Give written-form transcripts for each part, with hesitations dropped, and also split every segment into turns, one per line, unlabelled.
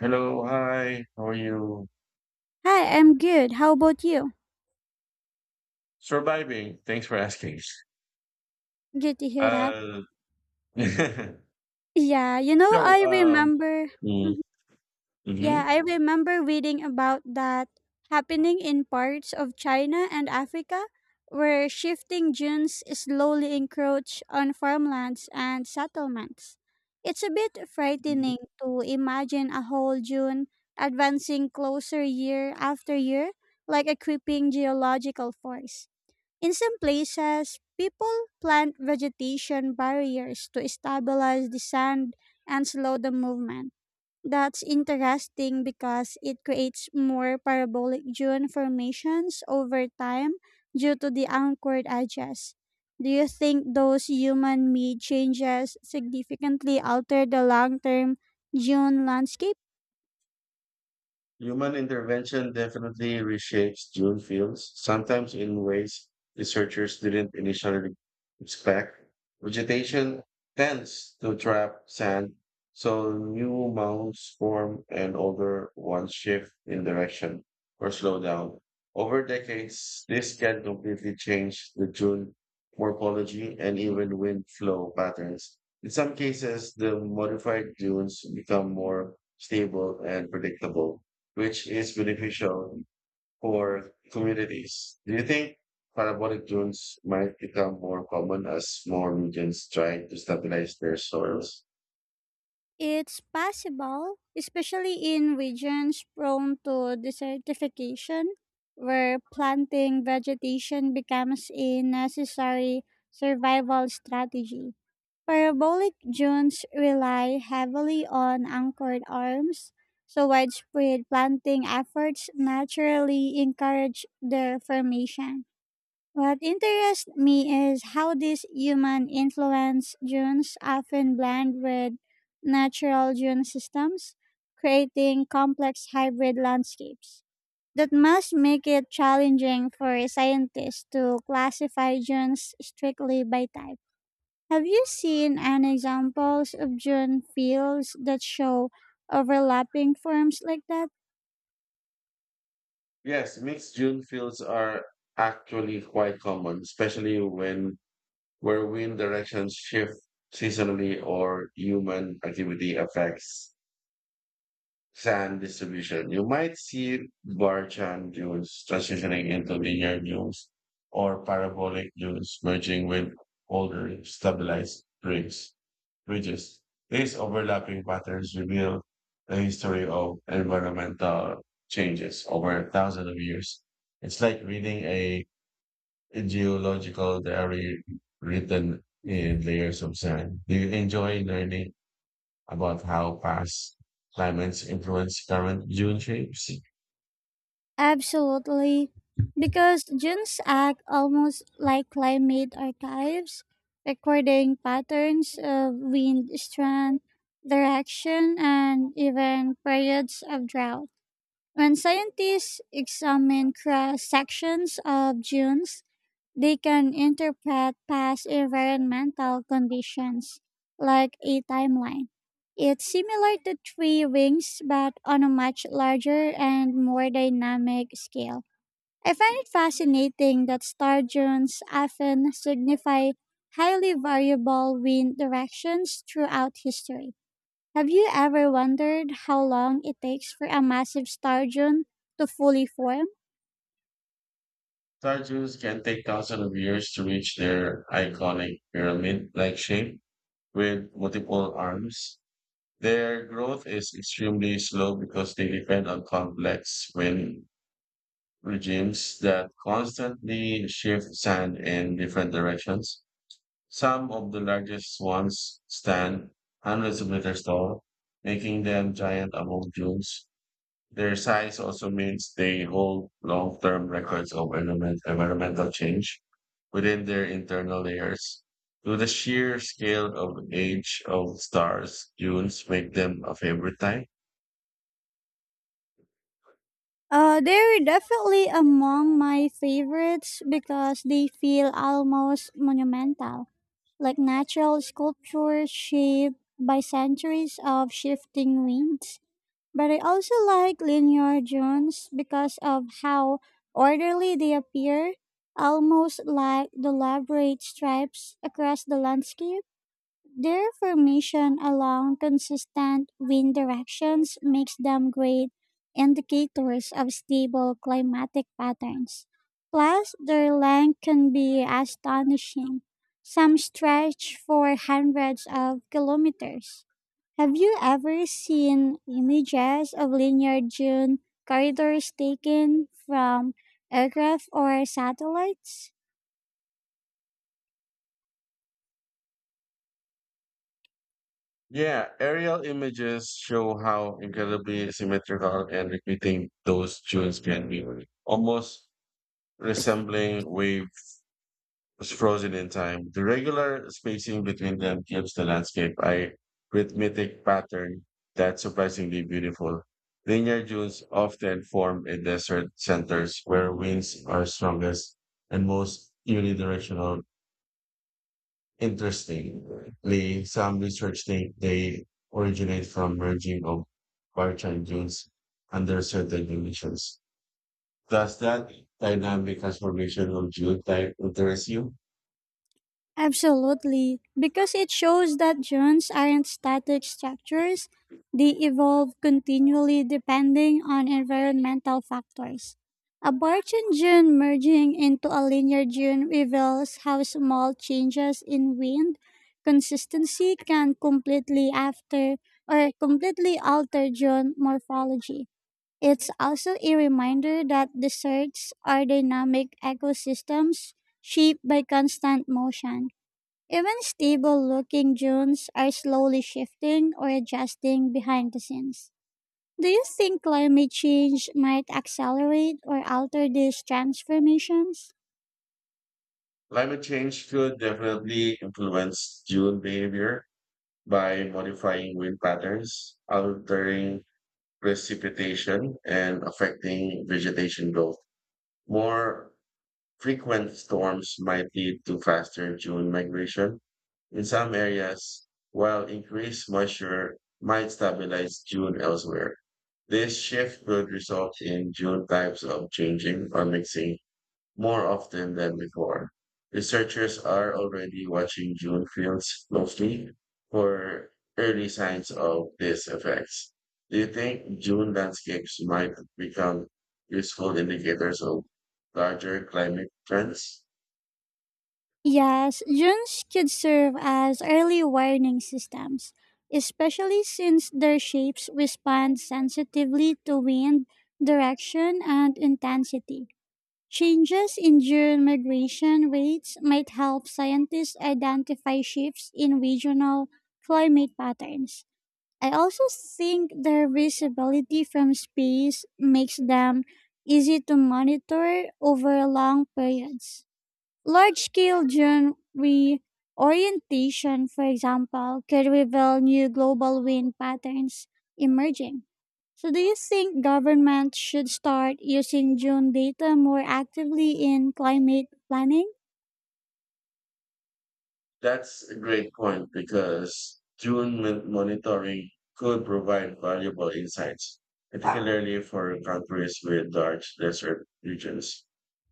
Hello, hi. How are you?
Hi, I'm good. How about you?
Surviving. Thanks for asking.
Good to hear that.
Uh,
Yeah,
so,
I
um,
remember. Mhm.
mm-hmm.
Yeah, I remember reading about that happening in parts of China and Africa where shifting dunes slowly encroach on farmlands and settlements. It's a bit frightening to imagine a whole dune advancing closer year after year like a creeping geological force. In some places, people plant vegetation barriers to stabilize the sand and slow the movement. That's interesting because it creates more parabolic dune formations over time due to the anchored edges. Do you think those human made changes significantly alter the long term dune landscape?
Human intervention definitely reshapes dune fields, sometimes in ways researchers didn't initially expect. Vegetation tends to trap sand, so new mounds form and older ones shift in direction or slow down. Over decades, this can completely change the dune morphology and even wind flow patterns. In some cases, the modified dunes become more stable and predictable, which is beneficial for communities. Do you think parabolic dunes might become more common as more regions try to stabilize their soils?
It's possible, especially in regions prone to desertification, where planting vegetation becomes a necessary survival strategy. Parabolic dunes rely heavily on anchored arms, so widespread planting efforts naturally encourage their formation. What interests me is how these human influence dunes often blend with natural dune systems, creating complex hybrid landscapes. That must make it challenging for scientists to classify dunes strictly by type. Have you seen any examples of dune fields that show overlapping forms like that?
Yes, mixed dune fields are actually quite common, especially when where wind directions shift seasonally or human activity affects sand distribution. You might see Barchan dunes transitioning into linear dunes or parabolic dunes merging with older stabilized ridges. These overlapping patterns reveal the history of environmental changes over thousands of years. It's like reading a geological diary written in layers of sand. Do you enjoy learning about how past climates influence current dune shapes?
Absolutely. Because dunes act almost like climate archives, recording patterns of wind strength, direction, and even periods of drought. When scientists examine cross sections of dunes, they can interpret past environmental conditions like a timeline. It's similar to tree rings, but on a much larger and more dynamic scale. I find it fascinating that star dunes often signify highly variable wind directions throughout history. Have you ever wondered how long it takes for a massive star dune to fully form?
Star dunes can take thousands of years to reach their iconic pyramid-like shape with multiple arms. Their growth is extremely slow because they depend on complex wind regimes that constantly shift sand in different directions. Some of the largest ones stand hundreds of meters tall, making them giant among dunes. Their size also means they hold long-term records of environmental change within their internal layers. Do the sheer scale of age of stars dunes make them a favorite type?
They're definitely among my favorites because they feel almost monumental, like natural sculptures shaped by centuries of shifting winds. But I also like linear dunes because of how orderly they appear, almost like deliberate stripes across the landscape. Their formation along consistent wind directions makes them great indicators of stable climatic patterns. Plus, their length can be astonishing. Some stretch for hundreds of kilometers. Have you ever seen images of linear dune corridors taken from aircraft or satellites?
Yeah, aerial images show how incredibly symmetrical and repeating those dunes can be, almost resembling wave was frozen in time. The regular spacing between them gives the landscape a rhythmic pattern that's surprisingly beautiful. Linear dunes often form in desert centers where winds are strongest and most unidirectional. Interestingly, some research think they originate from merging of Barchan dunes under certain conditions. Does that dynamic transformation of dune type interest you?
Absolutely, because it shows that drones aren't static structures, they evolve continually depending on environmental factors. A Barchan dune merging into a linear dune reveals how small changes in wind consistency can completely after or completely alter dune morphology. It's also a reminder that deserts are dynamic ecosystems shaped by constant motion, even stable looking dunes are slowly shifting or adjusting behind the scenes. Do you think climate change might accelerate or alter these transformations?
Climate change could definitely influence dune behavior by modifying wind patterns, altering precipitation, and affecting vegetation growth. More frequent storms might lead to faster dune migration, in some areas, while increased moisture might stabilize June elsewhere. This shift could result in June types of changing or mixing more often than before. Researchers are already watching June fields closely for early signs of these effects. Do you think June landscapes might become useful indicators of larger climate trends?
Yes, dunes could serve as early warning systems, especially since their shapes respond sensitively to wind, direction, and intensity. Changes in June migration rates might help scientists identify shifts in regional climate patterns. I also think their visibility from space makes them easy to monitor over long periods. Large scale genre reorientation, for example, could reveal new global wind patterns emerging. So, do you think governments should start using June data more actively in climate planning?
That's a great point because monitoring could provide valuable insights, particularly for countries with large desert regions.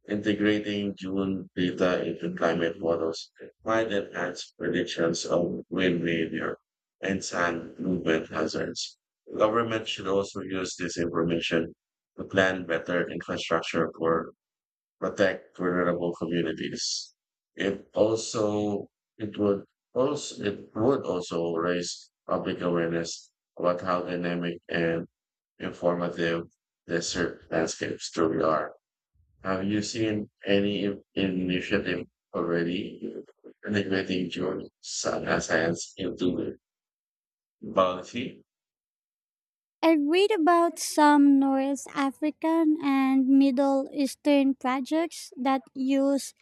Integrating June data into climate models might enhance predictions of wind behavior and sand movement hazards. Government should also use this information to plan better infrastructure for protect vulnerable communities. It also it would also it would also raise public awareness about how dynamic and informative desert landscapes truly are. Have you seen any initiative already integrating drone science into biology?
I read about some North African and Middle Eastern projects that use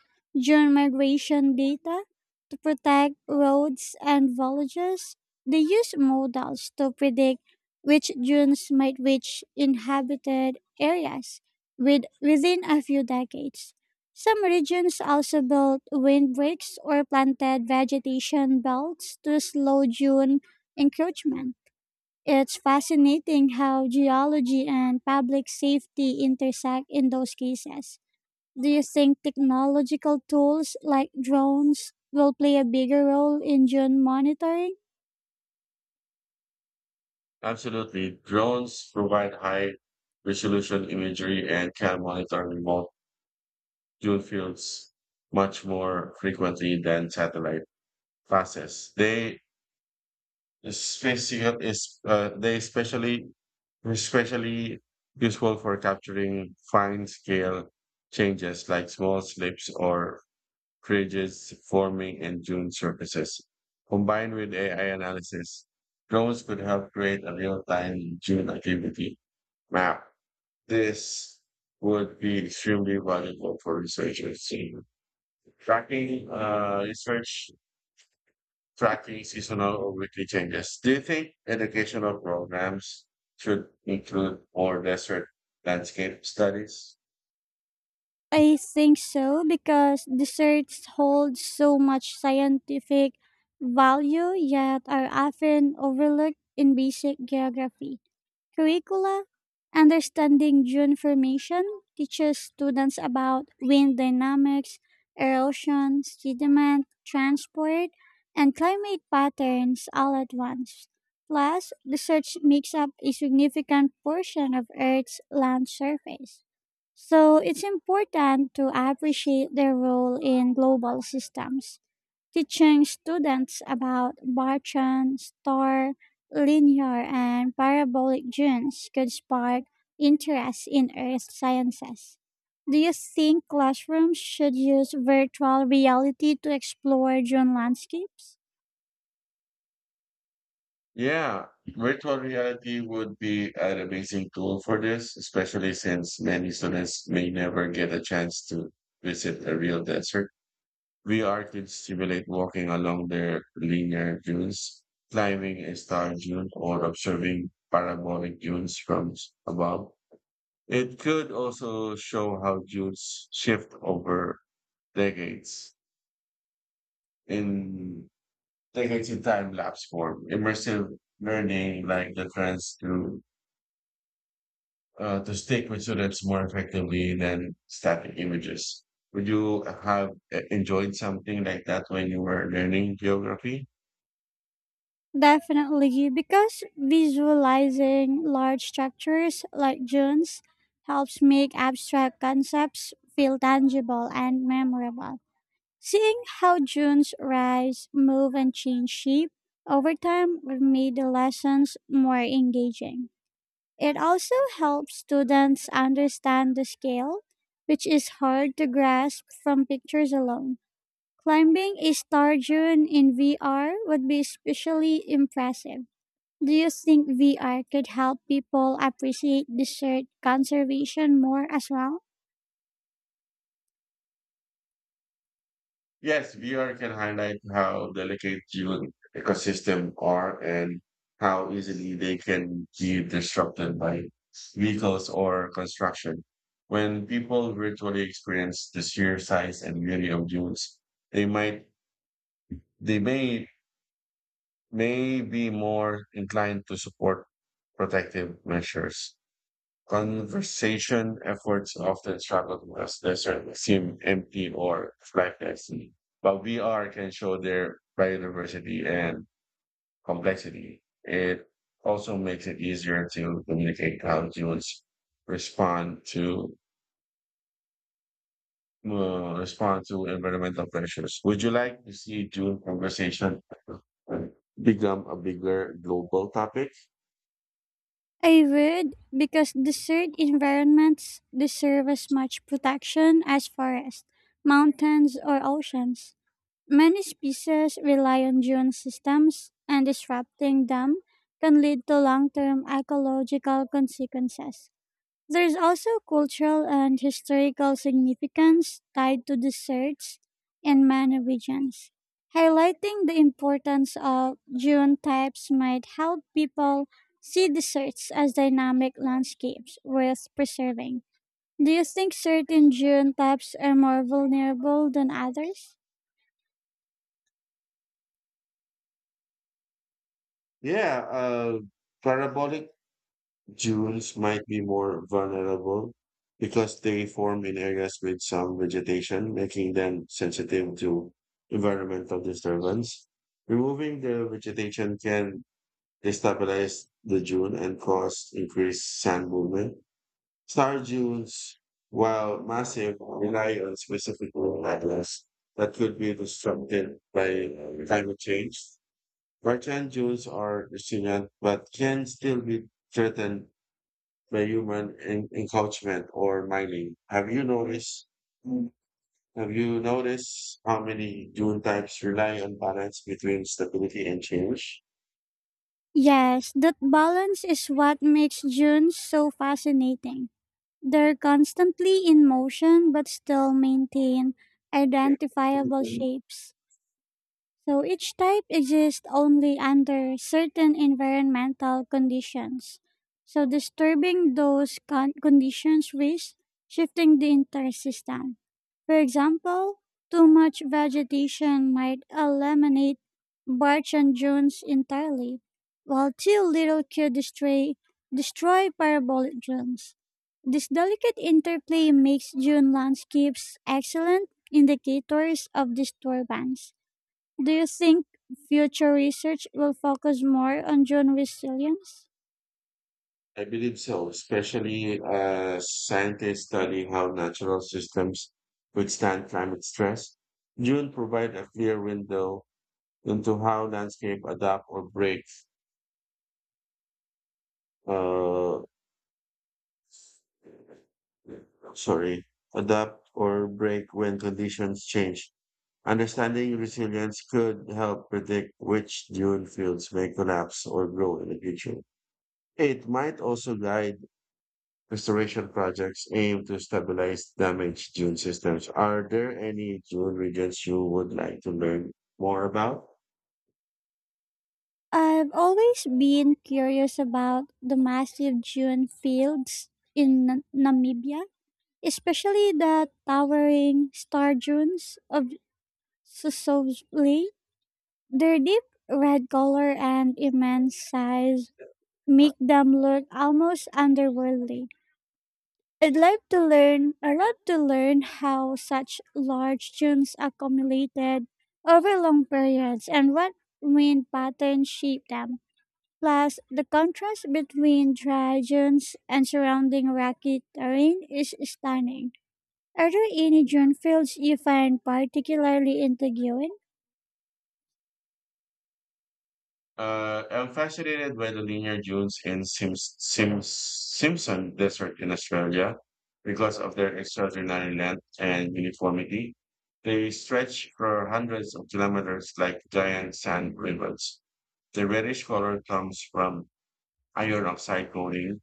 drone migration data to protect roads and villages. They use models to predict which drones might reach inhabited areas with, within a few decades. Some regions also built windbreaks or planted vegetation belts to slow dune encroachment. It's fascinating how geology and public safety intersect in those cases. Do you think technological tools like drones will play a bigger role in drone monitoring?
Absolutely. Drones provide high resolution imagery and can monitor remote dual fuels much more frequently than satellite passes. They special is they especially especially useful for capturing fine scale changes like small slips or ridges forming in dune surfaces. Combined with AI analysis, drones could help create a real-time dune activity map. This would be extremely valuable for researchers. Tracking tracking seasonal or weekly changes. Do you think educational programs should include more desert landscape studies?
I think so because desserts hold so much scientific value yet are often overlooked in basic geography curricula. Understanding dune formation teaches students about wind dynamics, erosion, sediment, transport, and climate patterns all at once. Plus, research makes up a significant portion of Earth's land surface. So, it's important to appreciate their role in global systems. Teaching students about Barchan, star, linear and parabolic dunes could spark interest in earth sciences. Do you think classrooms should use virtual reality to explore dune landscapes?
Yeah, virtual reality would be an amazing tool for this, especially since many students may never get a chance to visit a real desert. VR could simulate walking along their linear dunes, climbing a star dune, or observing parabolic dunes from above. It could also show how Jews shift over decades in decades in time lapse form, immersive learning, like the trends to stick with students more effectively than static images. Would you have enjoyed something like that when you were learning geography?
Definitely, because visualizing large structures like dunes helps make abstract concepts feel tangible and memorable. Seeing how dunes rise, move, and change shape over time made the lessons more engaging. It also helps students understand the scale, which is hard to grasp from pictures alone. Climbing a star dune in VR would be especially impressive. Do you think VR could help people appreciate desert conservation more as well?
Yes, VR can highlight how delicate human ecosystem are and how easily they can be disrupted by vehicles or construction. When people virtually experience the sheer size and beauty of dunes, they might they may be more inclined to support protective measures. Conservation efforts often struggle to as deserts seem empty or lifeless, but VR can show their biodiversity and complexity. It also makes it easier to communicate how humans respond to respond to environmental pressures. Would you like to see June conversation become a bigger global topic?
I would, because desert environments deserve as much protection as forests, mountains, or oceans. Many species rely on dune systems, and disrupting them can lead to long term ecological consequences. There is also cultural and historical significance tied to deserts in many regions. Highlighting the importance of dune types might help people see deserts as dynamic landscapes worth preserving. Do you think certain dune types are more vulnerable than others?
Yeah, parabolic Dunes might be more vulnerable because they form in areas with some vegetation, making them sensitive to environmental disturbance. Removing the vegetation can destabilize the dune and cause increased sand movement. Star dunes, while massive, rely on specific materials that could be disrupted by climate change. Bartan dunes are resilient but can still be threatened by human encroachment or mining. Have you noticed how many dune types rely on balance between stability and change?
Yes, that balance is what makes junes so fascinating. They're constantly in motion but still maintain identifiable shapes. So each type exists only under certain environmental conditions. So disturbing those conditions risks shifting the entire system. For example, too much vegetation might eliminate birch and dunes entirely, while too little could destroy parabolic dunes. This delicate interplay makes dune landscapes excellent indicators of disturbance. Do you think future research will focus more on dune resilience?
I believe so, especially as scientists study how natural systems withstand climate stress. Dune provide a clear window into how landscape adapt or break. Uh, sorry, adapt or break when conditions change. Understanding resilience could help predict which dune fields may collapse or grow in the future. It might also guide restoration projects aimed to stabilize damaged dune systems. Are there any dune regions you would like to learn more about?
I've always been curious about the massive dune fields in Namibia, especially the towering star dunes of Sosoli. Their deep red color and immense size make them look almost otherworldly. I'd love to learn how such large tunes accumulated over long periods and what wind patterns shape them. Plus, the contrast between dry dunes and surrounding rocky terrain is stunning. Are there any dune fields you find particularly intriguing?
I'm fascinated by the linear dunes in Simpson Desert in Australia because of their extraordinary length and uniformity. They stretch for hundreds of kilometers like giant sand rivers. The reddish color comes from iron oxide coating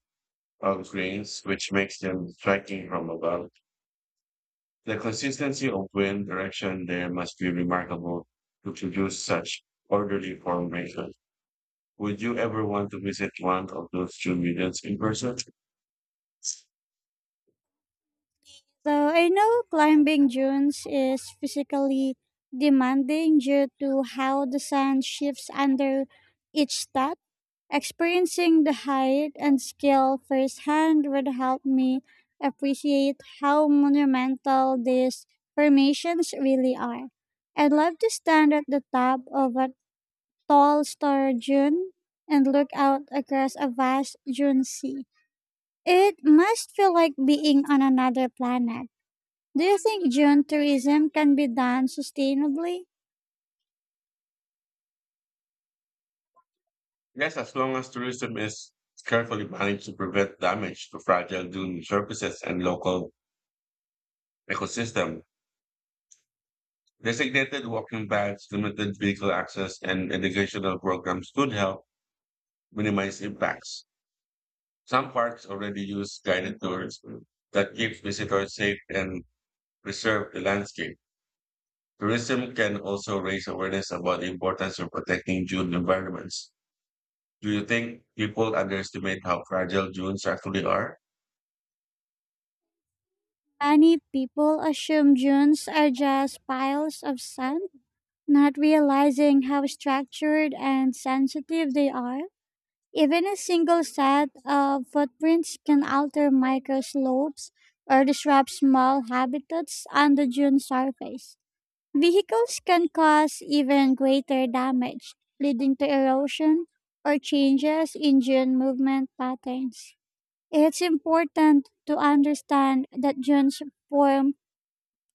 of grains, which makes them striking from above. The consistency of wind direction there must be remarkable to produce such orderly formation. Would you ever want to visit one of those two museums in person?
So I know climbing dunes is physically demanding due to how the sun shifts under each step. Experiencing the height and scale firsthand would help me appreciate how monumental these formations really are. I'd love to stand at the top of a tall star dune and look out across a vast dune sea. It must feel like being on another planet. Do you think dune tourism can be done sustainably?
Yes, as long as tourism is carefully managed to prevent damage to fragile dune surfaces and local ecosystem. Designated walking paths, limited vehicle access, and educational programs could help minimize impacts. Some parks already use guided tours that keep visitors safe and preserve the landscape. Tourism can also raise awareness about the importance of protecting dune environments. Do you think people underestimate how fragile dunes actually are?
Many people assume dunes are just piles of sand, not realizing how structured and sensitive they are. Even a single set of footprints can alter microslopes or disrupt small habitats on the dune surface. Vehicles can cause even greater damage, leading to erosion or changes in dune movement patterns. It's important to understand that dunes form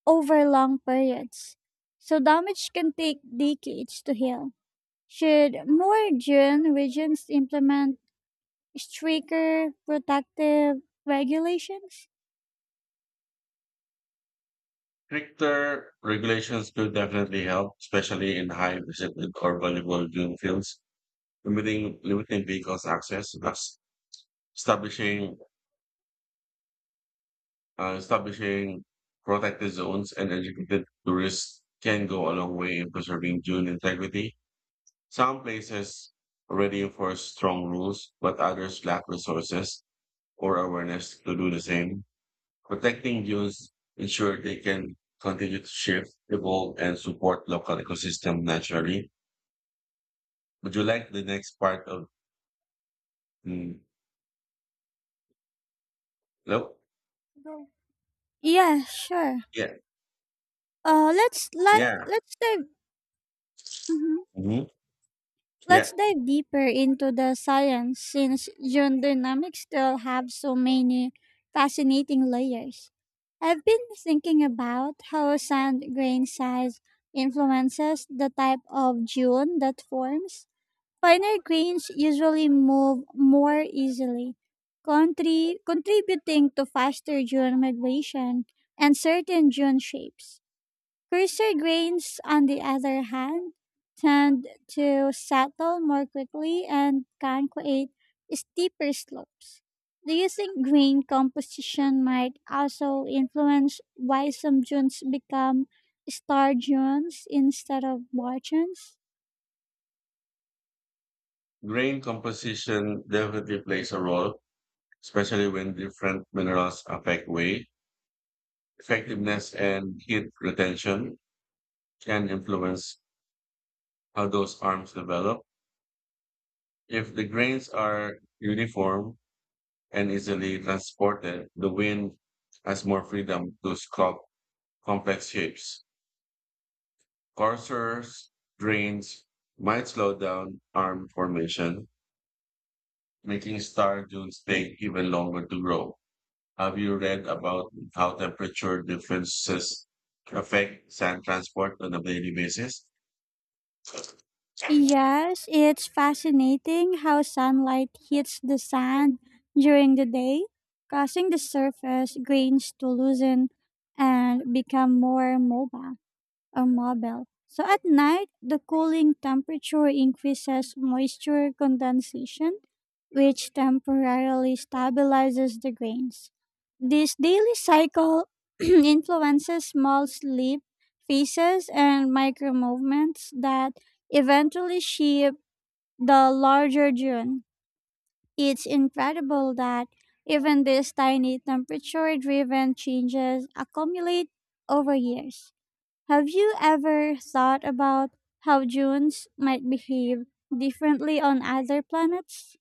over long periods, so damage can take decades to heal. Should more June regions implement stricter protective regulations?
Stricter regulations could definitely help, especially in high visited or vulnerable dune fields, limiting vehicles access, thus establishing establishing protected zones and educated tourists can go a long way in preserving dune integrity. Some places already enforce strong rules, but others lack resources or awareness to do the same. Protecting youth ensure they can continue to shift, evolve, and support local ecosystem naturally. Would you like the next part of mm, no?
Yeah, sure.
Yeah,
Uh, let's let,
yeah,
let's dive mhm.
hmm, yeah.
Deeper into the science since June dynamics still have so many fascinating layers. I've been thinking about how sand grain size influences the type of dune that forms. Finer grains usually move more easily, contributing to faster dune migration and certain dune shapes. Coarser grains, on the other hand, tend to settle more quickly and can create steeper slopes. Do you think grain composition might also influence why some dunes become star dunes instead of bar dunes?
Grain composition definitely plays a role, especially when different minerals affect weight, effectiveness, and heat retention can influence how those arms develop. If the grains are uniform, and easily transported, the wind has more freedom to sculpt complex shapes. Coursers, drains might slow down arm formation, making star dunes take even longer to grow. Have you read about how temperature differences affect sand transport on a daily basis?
Yes, it's fascinating how sunlight hits the sand during the day, causing the surface grains to loosen and become more mobile or mobile. So at night, the cooling temperature increases moisture condensation, which temporarily stabilizes the grains. This daily cycle influences small sleep phases and micro movements that eventually shape the larger dune. It's incredible that even these tiny temperature driven changes accumulate over years. Have you ever thought about how Junes might behave differently on other planets?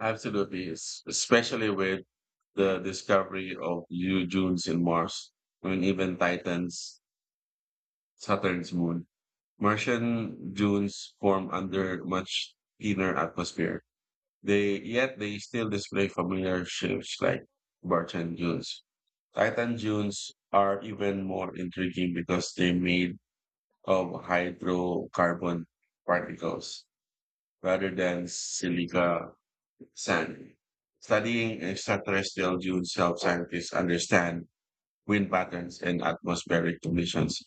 Absolutely, especially with the discovery of new dunes in Mars, and even Titans Saturn's moon. Martian dunes form under much thinner atmosphere. They yet they still display familiar shapes like Bartan dunes. Titan dunes are even more intriguing because they're made of hydrocarbon particles rather than silica sand. Studying extraterrestrial dunes helps scientists understand wind patterns, and atmospheric conditions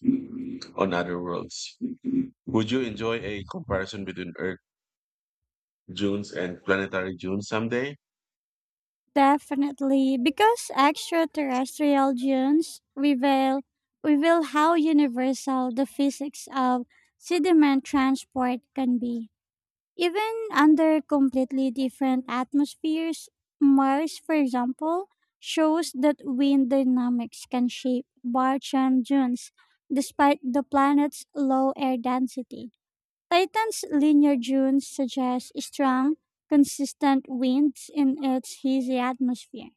on other worlds. Would you enjoy a comparison between Earth dunes and planetary dunes someday?
Definitely, because extraterrestrial Junes reveal how universal the physics of sediment transport can be. Even under completely different atmospheres, Mars, for example, shows that wind dynamics can shape Barchan dunes despite the planet's low air density. Titan's linear dunes suggest strong, consistent winds in its hazy atmosphere.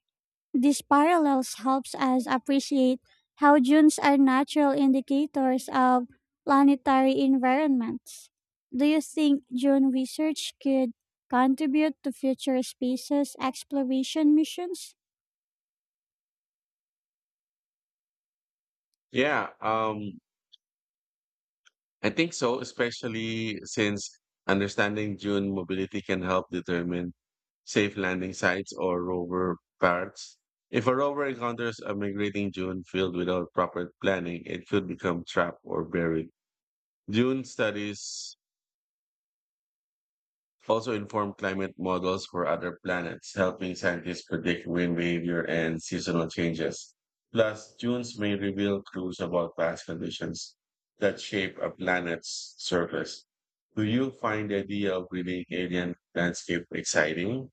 These parallels helps us appreciate how dunes are natural indicators of planetary environments. Do you think dune research could contribute to future spaces exploration missions?
Yeah. I think so, especially since understanding dune mobility can help determine safe landing sites or rover paths. If a rover encounters a migrating dune field without proper planning, it could become trapped or buried. Dune studies also informed climate models for other planets, helping scientists predict wind behavior and seasonal changes. Plus, dunes may reveal clues about past conditions that shape a planet's surface. Do you find the idea of reading alien landscape exciting?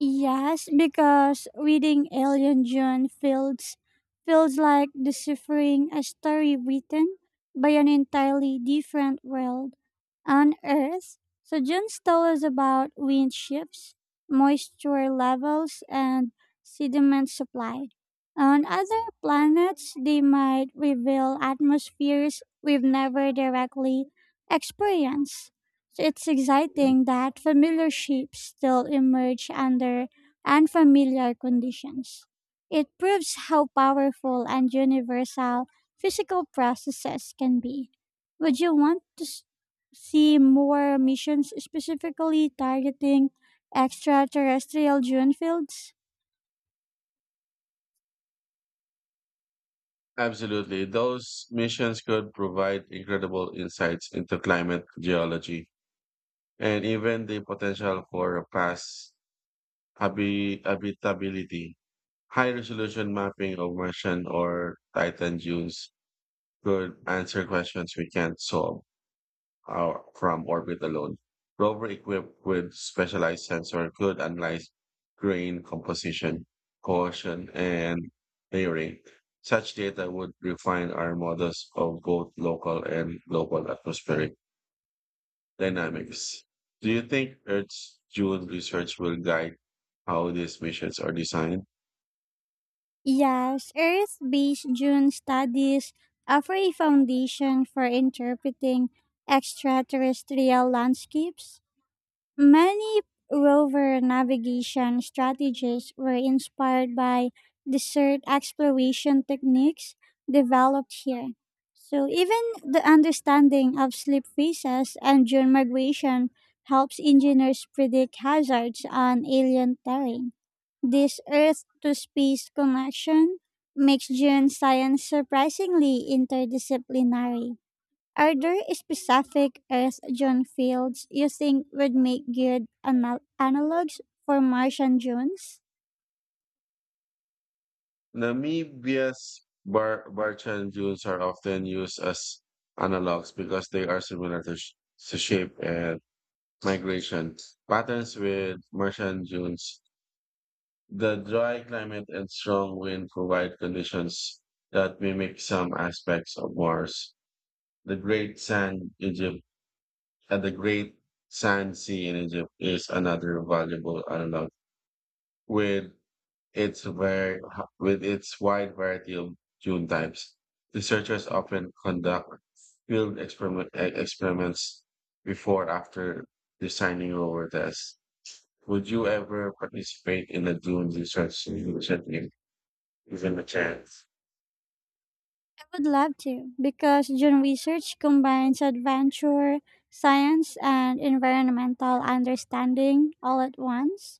Yes, because reading Alien June feels like deciphering a story written by an entirely different world on Earth. So June's tell us about wind shifts, moisture levels, and sediment supply. On other planets, they might reveal atmospheres we've never directly experienced. So it's exciting that familiar shapes still emerge under unfamiliar conditions. It proves how powerful and universal physical processes can be. Would you want to see more missions specifically targeting extraterrestrial dune fields?
Absolutely. Those missions could provide incredible insights into climate geology and even the potential for past habitability. High resolution mapping of Martian or Titan dunes could answer questions we can't solve our, from orbit alone. Rover equipped with specialized sensor could analyze grain composition, cohesion, and layering. Such data would refine our models of both local and global atmospheric dynamics. Do you think Earth's dune research will guide how these missions are designed?
Yes, Earth based June studies offer a foundation for interpreting extraterrestrial landscapes. Many rover navigation strategies were inspired by desert exploration techniques developed here. So, even the understanding of sleep phases and dune migration helps engineers predict hazards on alien terrain. This Earth to space connection makes dune science surprisingly interdisciplinary. Are there specific earth June fields you think would make good analogs for Martian Junes?
Namibia's bar Barchan dunes are often used as analogs because they are similar to, to shape and migration patterns with Martian dunes. The dry climate and strong wind provide conditions that mimic some aspects of Mars. The Great Sand Egypt the Great Sand Sea in Egypt is another valuable analog with its very, with its wide variety of dune types. Researchers often conduct experiments before or after designing rover tests. Would you ever participate in a dune research initiative, given a chance?
I would love to, because June research combines adventure, science, and environmental understanding all at once.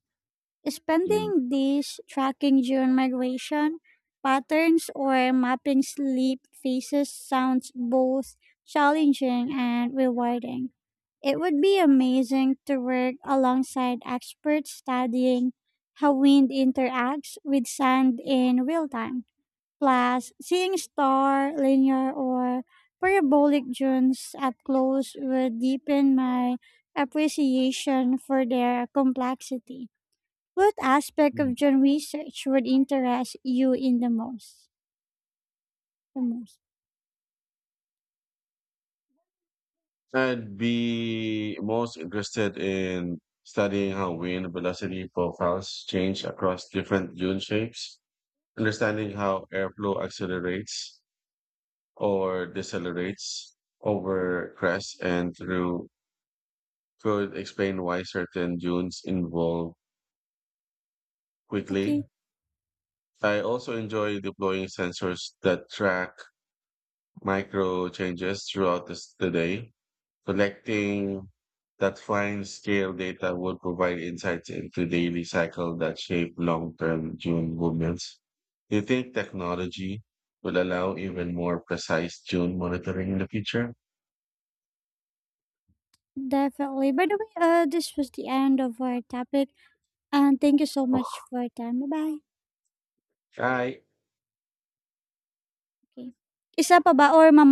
Mm.
Spending days tracking June migration patterns or mapping sleep phases sounds both challenging and rewarding. It would be amazing to work alongside experts studying how wind interacts with sand in real time. Plus, seeing star, linear, or parabolic dunes up close would deepen my appreciation for their complexity. What aspect of dune research would interest you in the most? The most.
I'd be most interested in studying how wind velocity profiles change across different dune shapes, understanding how airflow accelerates or decelerates over crests and through could explain why certain dunes involve
Okay,
quickly. I also enjoy deploying sensors that track micro changes throughout the, the day. Collecting that fine scale data would provide insights into daily cycle that shape long-term June movements. Do you think technology will allow even more precise June monitoring in the future?
definitely. By the way, this was the end of our topic. And thank you so much for your time. Bye bye.
Okay.
Okay. Isa pa ba or mama